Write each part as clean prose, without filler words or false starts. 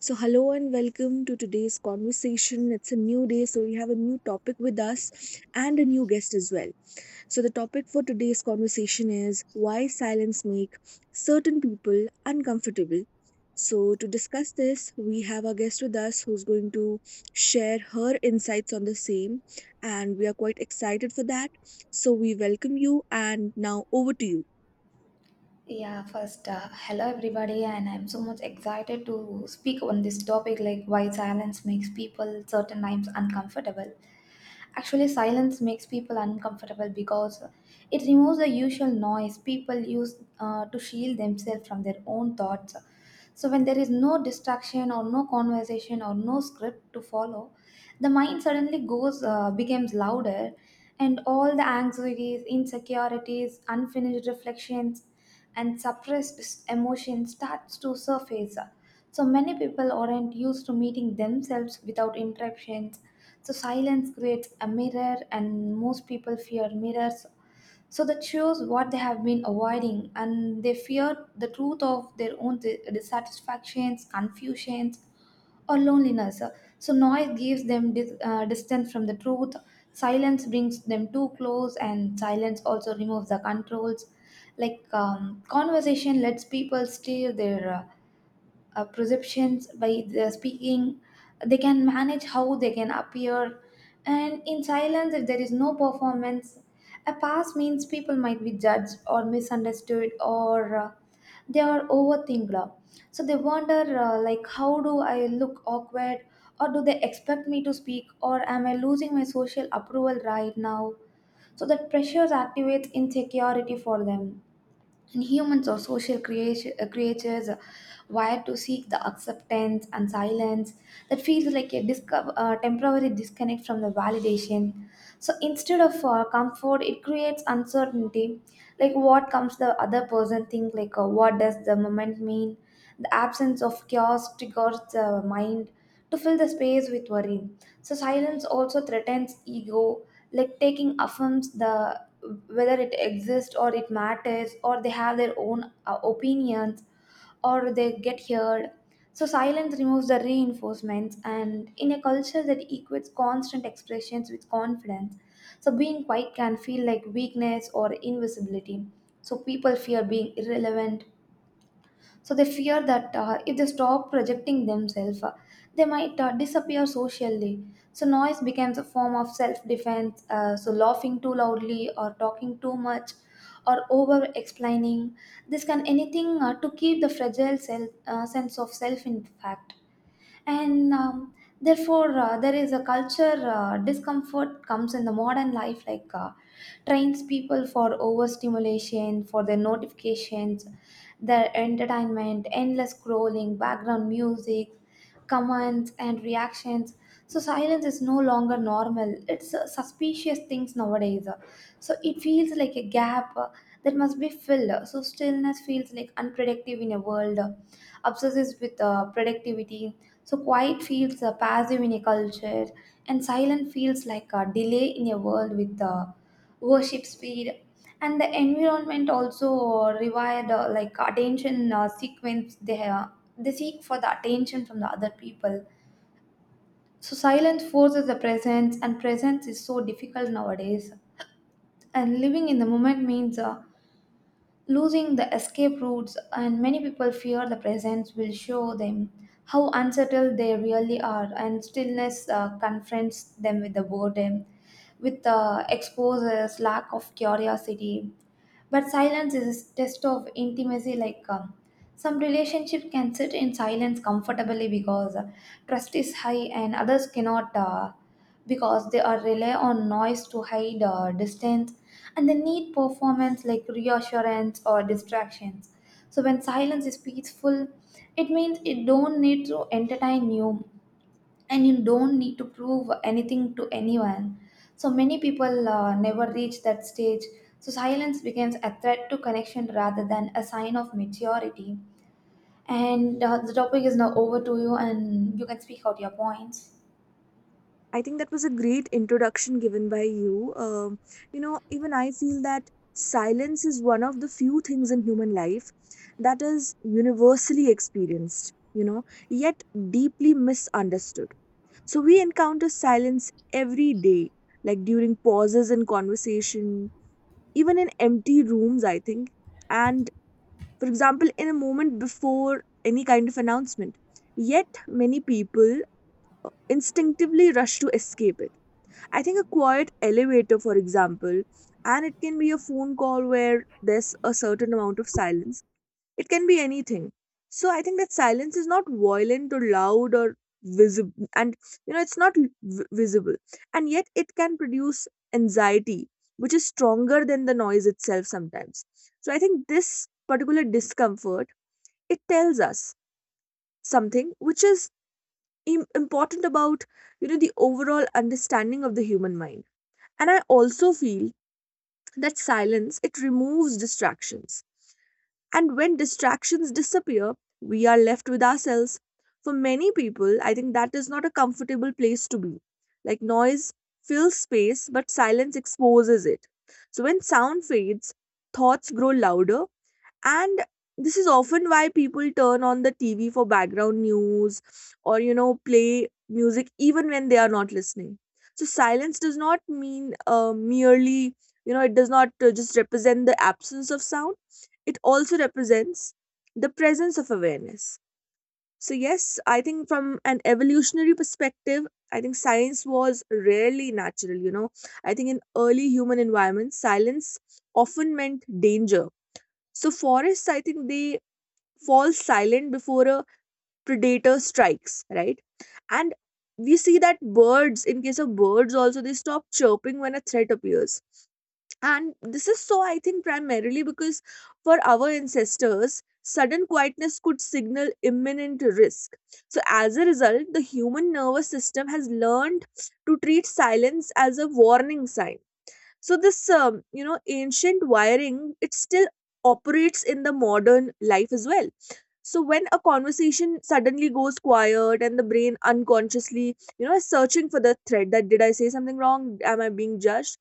So, hello and welcome to today's conversation. It's a new day, so we have a new topic with us and a new guest as well. So, the topic for today's conversation is why silence make certain people uncomfortable. So, to discuss this, we have our guest with us who's going to share her insights on the same, and we are quite excited for that. So, we welcome you, and now over to you. Yeah, first, hello everybody, and I'm so much excited to speak on this topic like why silence makes people certain times uncomfortable. Actually, silence makes people uncomfortable because it removes the usual noise people use to shield themselves from their own thoughts. So, when there is no distraction or no conversation or no script to follow, the mind suddenly goes becomes louder, and all the anxieties, insecurities, unfinished reflections and suppressed emotions starts to surface. So many people aren't used to meeting themselves without interruptions. So silence creates a mirror and most people fear mirrors, so that shows what they have been avoiding, and they fear the truth of their own dissatisfactions, confusions or loneliness. So, noise gives them distance from the truth, silence brings them too close, and silence also removes the controls. Conversation lets people steer their perceptions by the speaking. They can manage how they can appear, and in silence, if there is no performance, a pass means people might be judged or misunderstood, or they are overthinked. So they wonder, like, how do I look awkward, or do they expect me to speak, or am I losing my social approval right now? So that pressures activates insecurity for them, and humans are social creatures, wired to seek the acceptance, and silence, that feels like a temporary disconnect from the validation. So instead of comfort, it creates uncertainty, like what comes the other person think, what does the moment mean? The absence of chaos triggers the mind to fill the space with worry. So silence also threatens ego, like taking affirms the whether it exists or it matters, or they have their own opinions, or they get heard. So silence removes the reinforcements, and in a culture that equates constant expressions with confidence, so being quiet can feel like weakness or invisibility. So people fear being irrelevant, so they fear that if they stop projecting themselves, they might disappear socially. So noise becomes a form of self-defense. So laughing too loudly or talking too much or over-explaining, this can anything to keep the fragile self, sense of self in fact. And um, therefore uh, there is a culture discomfort comes in the modern life, trains people for overstimulation, for their notifications, their entertainment, endless scrolling, background music, comments, and reactions. So silence is no longer normal. It's suspicious things nowadays. So it feels like a gap that must be filled. So stillness feels like unproductive in a world obsesses with productivity. So quiet feels passive in a culture, and silent feels like a delay in a world with worship speed, and the environment also required like attention, sequence. They seek for the attention from the other people. So silence forces the presence, and presence is so difficult nowadays, and living in the moment means losing the escape routes, and many people fear the presence will show them how unsettled they really are, and stillness confronts them with the boredom, with the exposes lack of curiosity. But silence is a test of intimacy. Some relationship can sit in silence comfortably because trust is high, and others cannot, because they are rely on noise to hide distance, and they need performance like reassurance or distractions. So when silence is peaceful, it means it don't need to entertain you, and you don't need to prove anything to anyone. So many people never reach that stage. So silence becomes a threat to connection rather than a sign of maturity. And the topic is now over to you, and you can speak out your points. I think that was a great introduction given by you. You know, even I feel that silence is one of the few things in human life that is universally experienced, you know, yet deeply misunderstood. So we encounter silence every day, like during pauses in conversation, even in empty rooms, I think. And for example, in a moment before any kind of announcement. Yet many people instinctively rush to escape it. I think a quiet elevator, for example, and it can be a phone call where there's a certain amount of silence. It can be anything. So I think that silence is not violent or loud or visible, and you know, it's not visible, and yet it can produce anxiety, which is stronger than the noise itself sometimes. So I think this particular discomfort it tells us something which is important about, you know, the overall understanding of the human mind. And I also feel that silence it removes distractions. And when distractions disappear, we are left with ourselves. For many people, I think that is not a comfortable place to be. Like noise fills space, but silence exposes it. So when sound fades, thoughts grow louder, and this is often why people turn on the TV for background news or, you know, play music even when they are not listening. So silence does not mean merely, you know, it does not just represent the absence of sound, it also represents the presence of awareness. So, yes, I think from an evolutionary perspective, I think silence was rarely natural, you know. I think in early human environments, silence often meant danger. So forests, I think they fall silent before a predator strikes, right? And we see that birds, in case of birds also, they stop chirping when a threat appears. And this is so, I think, primarily because for our ancestors, sudden quietness could signal imminent risk. So, as a result, the human nervous system has learned to treat silence as a warning sign. So this, you know, ancient wiring it still operates in the modern life as well. So when a conversation suddenly goes quiet and the brain unconsciously, you know, is searching for the thread, that did I say something wrong, am I being judged,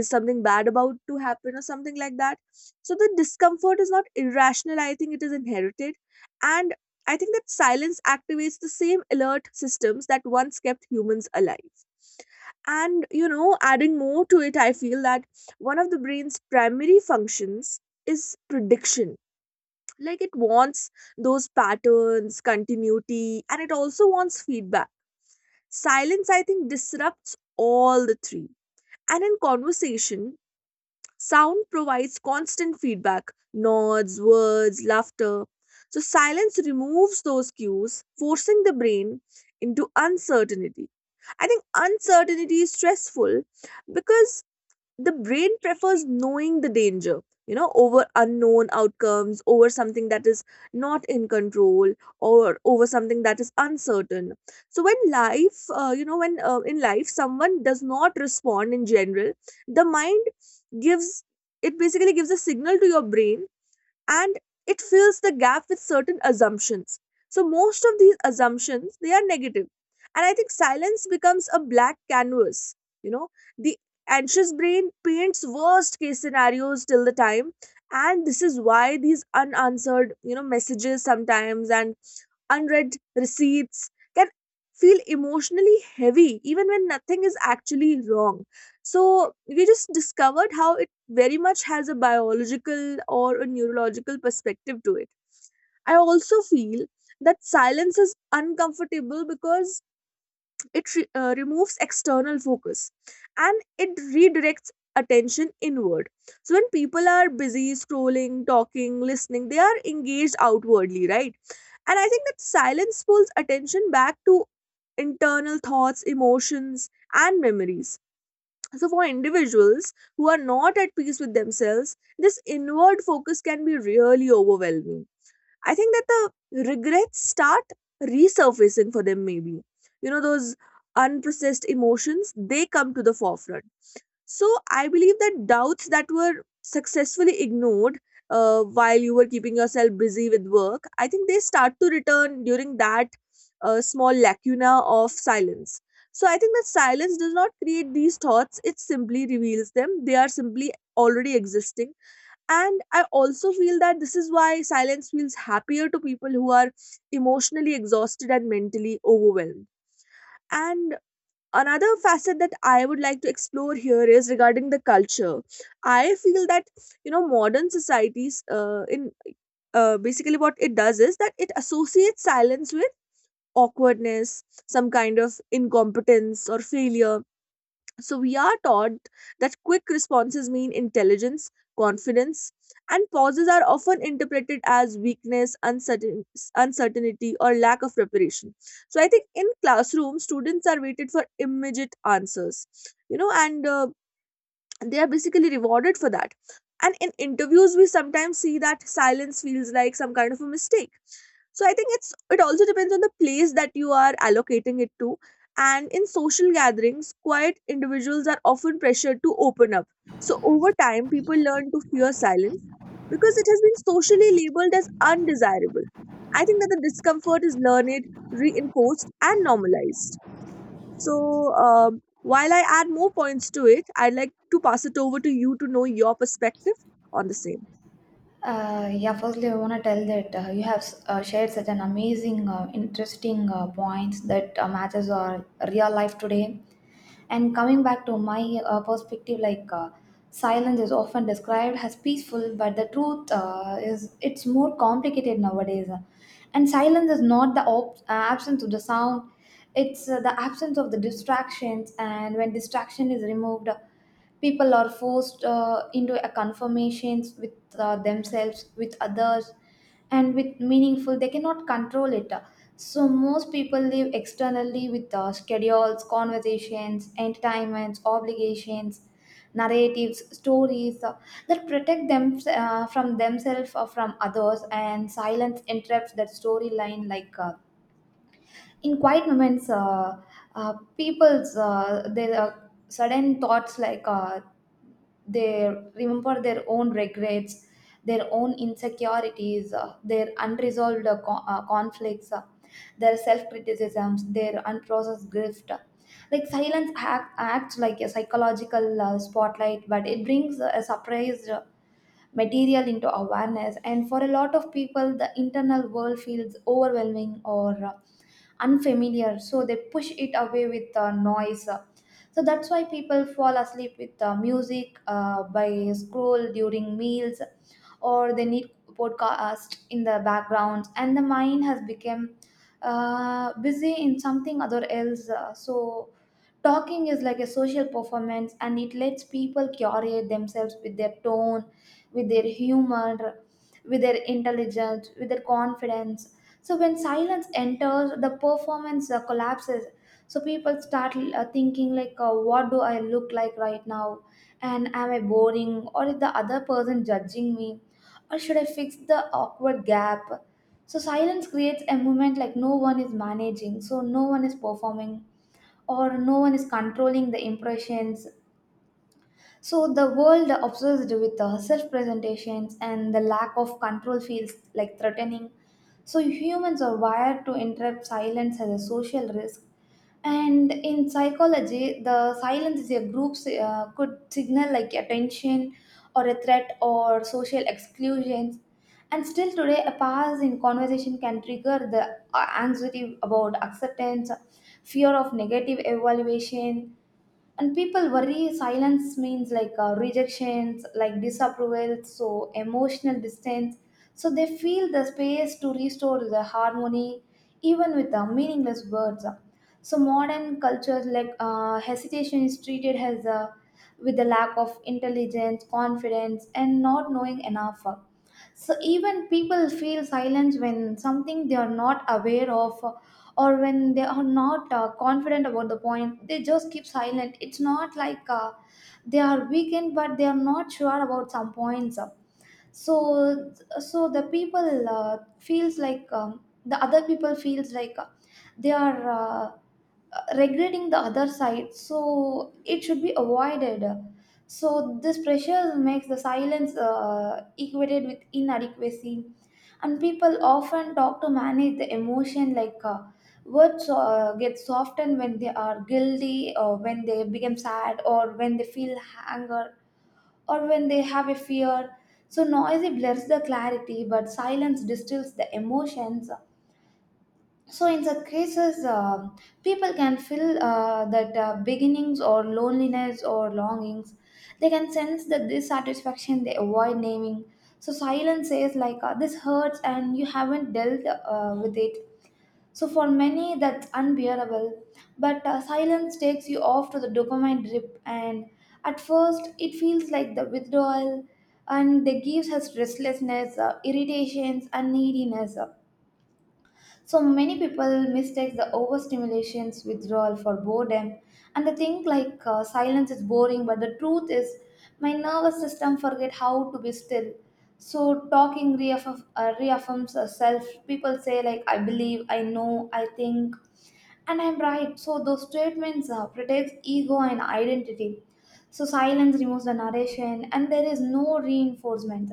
is something bad about to happen, or something like that. So the discomfort is not irrational, I think it is inherited. And I think that silence activates the same alert systems that once kept humans alive. And you know, adding more to it, I feel that one of the brain's primary functions is prediction. Like it wants those patterns, continuity, and it also wants feedback. Silence, I think, disrupts all the three. And in conversation, sound provides constant feedback, nods, words, laughter. So silence removes those cues, forcing the brain into uncertainty. I think uncertainty is stressful because the brain prefers knowing the danger, you know, over unknown outcomes, over something that is not in control, or over something that is uncertain. So when life, you know, when in life someone does not respond in general, the mind gives, it basically gives a signal to your brain, and it fills the gap with certain assumptions. So most of these assumptions they are negative, and I think silence becomes a black canvas, you know, the anxious brain paints worst case scenarios till the time. And this is why these unanswered, you know, messages sometimes and unread receipts can feel emotionally heavy even when nothing is actually wrong. So we just discovered how it very much has a biological or a neurological perspective to it. I also feel that silence is uncomfortable because it removes external focus and it redirects attention inward. So when people are busy scrolling, talking, listening, they are engaged outwardly, right? And I think that silence pulls attention back to internal thoughts, emotions, and memories. So, for individuals who are not at peace with themselves, this inward focus can be really overwhelming. I think that the regrets start resurfacing for them, maybe. You know, those unprocessed emotions, they come to the forefront. So I believe that doubts that were successfully ignored while you were keeping yourself busy with work, I think they start to return during that small lacuna of silence. So I think that silence does not create these thoughts, it simply reveals them. They are simply already existing. And I also feel that this is why silence feels happier to people who are emotionally exhausted and mentally overwhelmed. And another facet that I would like to explore here is regarding the culture. I feel that, you know, modern societies in basically what it does is that it associates silence with awkwardness, some kind of incompetence or failure. So we are taught that quick responses mean intelligence, confidence, and pauses are often interpreted as weakness, uncertain, uncertainty, or lack of preparation. So I think in classroom, students are waited for immediate answers, you know, and they are basically rewarded for that. And in interviews we sometimes see that silence feels like some kind of a mistake. So I think it's, it also depends on the place that you are allocating it to. And in social gatherings quiet individuals are often pressured to open up. So over time people learn to fear silence because it has been socially labeled as undesirable. I think that the discomfort is learned, reinforced and normalized. So, while I add more points to it, I'd like to pass it over to you to know your perspective on the same. Yeah, firstly, I want to tell that you have shared such an amazing, interesting points that matches our real life today. And coming back to my perspective, silence is often described as peaceful, but the truth is it's more complicated nowadays. And silence is not the absence of the sound; it's the absence of the distractions. And when distraction is removed, people are forced into a conformations with themselves, with others, and with meaningful they cannot control it. So most people live externally with schedules, conversations, entertainments, obligations, narratives, stories that protect them from themselves or from others, and silence interrupts that storyline. In quiet moments, people's their sudden thoughts, they remember their own regrets, their own insecurities, their unresolved conflicts, their self-criticisms, their unprocessed grief. Like acts like a psychological spotlight, but it brings a surprise material into awareness, and for a lot of people the internal world feels overwhelming or unfamiliar, so they push it away with noise. So that's why people fall asleep with music, by scroll during meals, or they need podcast in the background, and the mind has become busy in something other else. So talking is like a social performance, and it lets people curate themselves with their tone, with their humor, with their intelligence, with their confidence. So when silence enters, the performance collapses. So people start thinking, like, what do I look like right now? And am I boring? Or is the other person judging me? Or should I fix the awkward gap? So silence creates a moment like no one is managing, so no one is performing, or no one is controlling the impressions. So the world obsessed with self-presentations, and the lack of control feels like threatening. So humans are wired to interrupt silence as a social risk. And in psychology, the silence in a group could signal like attention or a threat or social exclusions. And still today, a pause in conversation can trigger the anxiety about acceptance, fear of negative evaluation, and people worry silence means like rejections like disapproval, so emotional distance, so they feel the space to restore the harmony even with the meaningless words. So modern cultures, hesitation is treated as a with the lack of intelligence, confidence, and not knowing enough. So even people feel silence when something they are not aware of, or when they are not confident about the point. They just keep silent. It's not like they are weakened, but they are not sure about some points. So so the people feels like, the other people feels like, they are regretting the other side, so it should be avoided. So this pressure makes the silence equated with inadequacy, and people often talk to manage the emotion, like, words get softened when they are guilty, or when they become sad, or when they feel anger, or when they have a fear. So noisy blurs the clarity, but silence distills the emotions. So in such cases, people can feel that beginnings or loneliness or longings. They can sense the dissatisfaction they avoid naming. So silence says, like, this hurts, and you haven't dealt with it. So for many, that's unbearable. But silence takes you off to the dopamine drip, and at first, it feels like the withdrawal, and that gives us restlessness, irritations, and neediness. So many people mistake the overstimulation's withdrawal for boredom, and they think, like, silence is boring. But the truth is, my nervous system forget how to be still. So talking reaffirms self. People say like, "I believe," "I know," "I think," and I'm right. So those statements protects ego and identity. So silence removes the narration, and there is no reinforcement.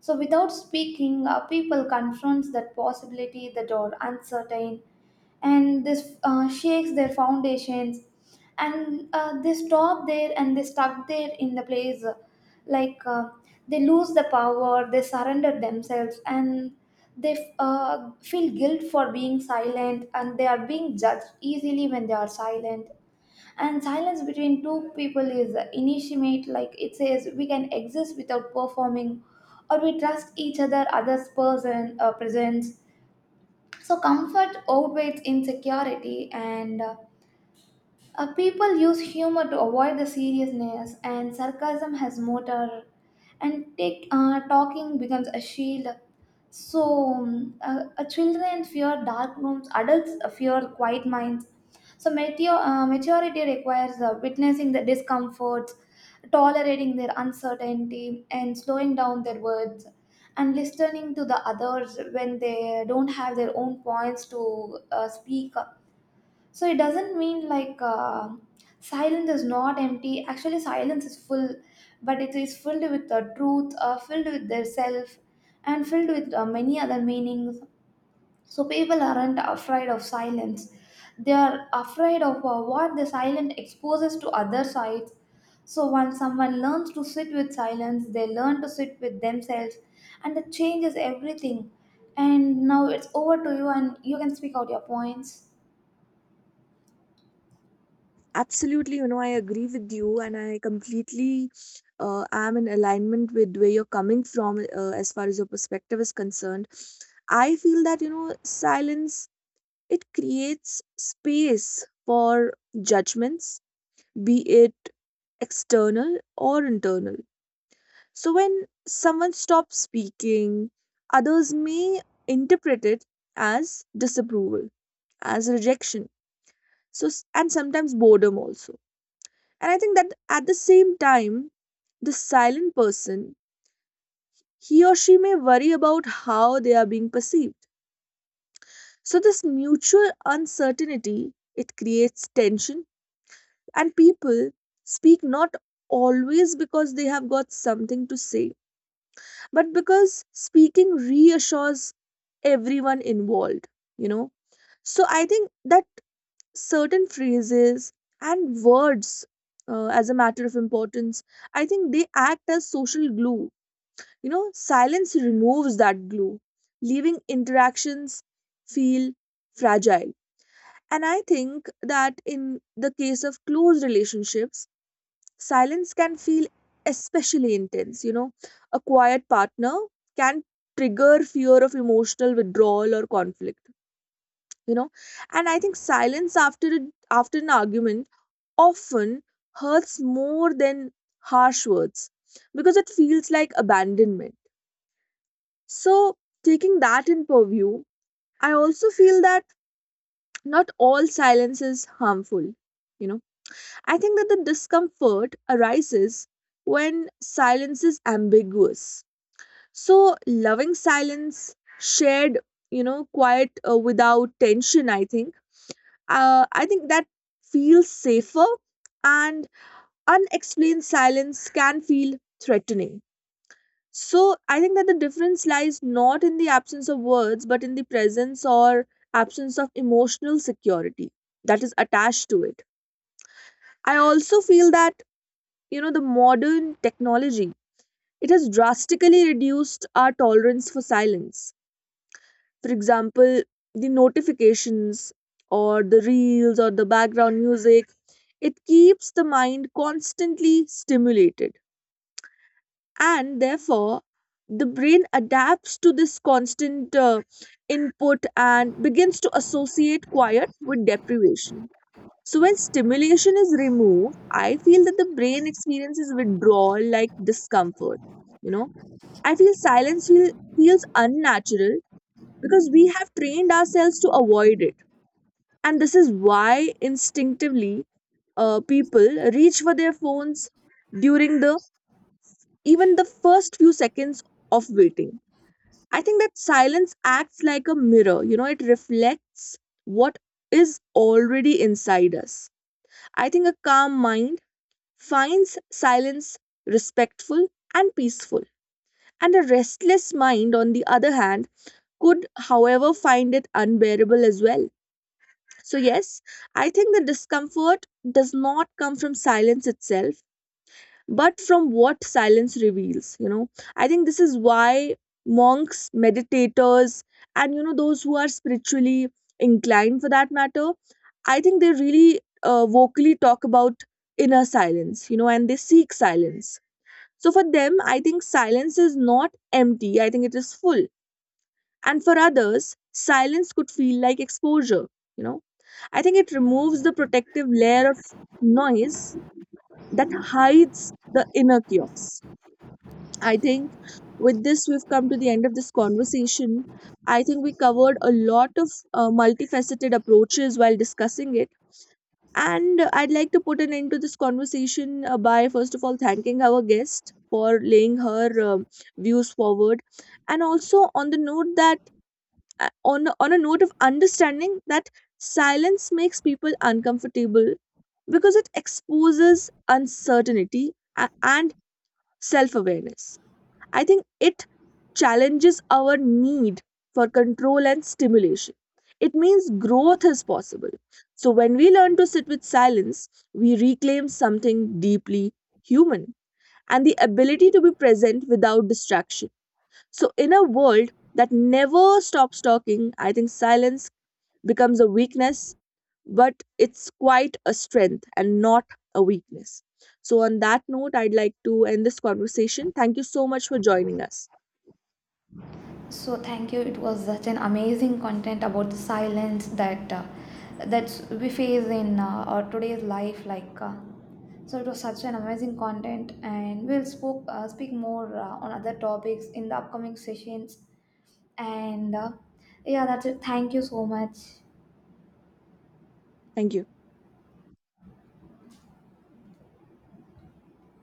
So without speaking, people confronts that possibility that are uncertain, and this shakes their foundations, and they stop there, and they stuck there in the place, like uh, they lose the power, they surrender themselves, and they feel guilt for being silent, and they are being judged easily when they are silent. And silence between two people is intimate, like it says we can exist without performing, or we trust each other, others person presence. So comfort outweighs insecurity, and people use humor to avoid the seriousness, and sarcasm has motor, and talking becomes a shield. So, children fear dark rooms, adults fear quiet minds. So, maturity requires witnessing the discomforts, tolerating their uncertainty, and slowing down their words, and listening to the others when they don't have their own points to speak. So it doesn't mean like silence is not empty. Actually, silence is full, but it is filled with the truth, filled with their self, and filled with many other meanings. So people aren't afraid of silence. They are afraid of what the silence exposes to other sides. So once someone learns to sit with silence, they learn to sit with themselves, and that changes everything. And now it's over to you, and you can speak out your points. Absolutely, you know, I agree with you, and I completely am in alignment with where you're coming from as far as your perspective is concerned. I feel that, you know, silence it creates space for judgments, be it external or internal. So when someone stops speaking, others may interpret it as disapproval, as rejection. So and sometimes boredom also. And I think that at the same time, the silent person, he or she may worry about how they are being perceived. So this mutual uncertainty, it creates tension and people speak not always because they have got something to say but because speaking reassures everyone involved, you know. So I think that certain phrases and words, as a matter of importance, I think they act as social glue. You know, silence removes that glue, leaving interactions feel fragile. And I think that in the case of close relationships, silence can feel especially intense. You know, a quiet partner can trigger fear of emotional withdrawal or conflict. You know, and I think silence after after an argument often hurts more than harsh words because it feels like abandonment. So, taking that in purview, I also feel that not all silence is harmful. You know, I think that the discomfort arises when silence is ambiguous. So, loving silence, shared, you know, quiet without tension, I think. I think that feels safer, and unexplained silence can feel threatening. So, I think that the difference lies not in the absence of words, but in the presence or absence of emotional security that is attached to it. I also feel that, you know, the modern technology, it has drastically reduced our tolerance for silence. For example, the notifications or the reels or the background music, it keeps the mind constantly stimulated. And therefore, the brain adapts to this constant input and begins to associate quiet with deprivation. So when stimulation is removed, I feel that the brain experiences withdrawal like discomfort. You know, I feel silence feels unnatural because we have trained ourselves to avoid it. And this is why instinctively people reach for their phones during the even the first few seconds of waiting. I think that silence acts like a mirror, you know, it reflects what is already inside us. I think a calm mind finds silence respectful and peaceful. And a restless mind, on the other hand, could, however, find it unbearable as well. So, yes, I think the discomfort does not come from silence itself, but from what silence reveals. You know, I think this is why monks, meditators, and you know, those who are spiritually inclined for that matter, I think they really vocally talk about inner silence, you know, and they seek silence. So for them, I think silence is not empty, I think it is full. And for others, silence could feel like exposure. You know, I think it removes the protective layer of noise that hides the inner chaos. I think with this, we've come to the end of this conversation. I think we covered a lot of multifaceted approaches while discussing it. And I'd like to put an end to this conversation by, first of all, thanking our guest for laying her views forward, and also on the note that on a note of understanding that silence makes people uncomfortable because it exposes uncertainty and self awareness. I think it challenges our need for control and stimulation. It means growth is possible. So, when we learn to sit with silence, we reclaim something deeply human and the ability to be present without distraction. So, in a world that never stops talking, I think silence becomes a weakness, but it's quite a strength and not a weakness. So, on that note, I'd like to end this conversation. Thank you so much for joining us. So thank you. It was such an amazing content about the silence that that's we face in our today's life. So it was such an amazing content, and we'll spoke speak more on other topics in the upcoming sessions. And yeah, that's it. Thank you so much. Thank you.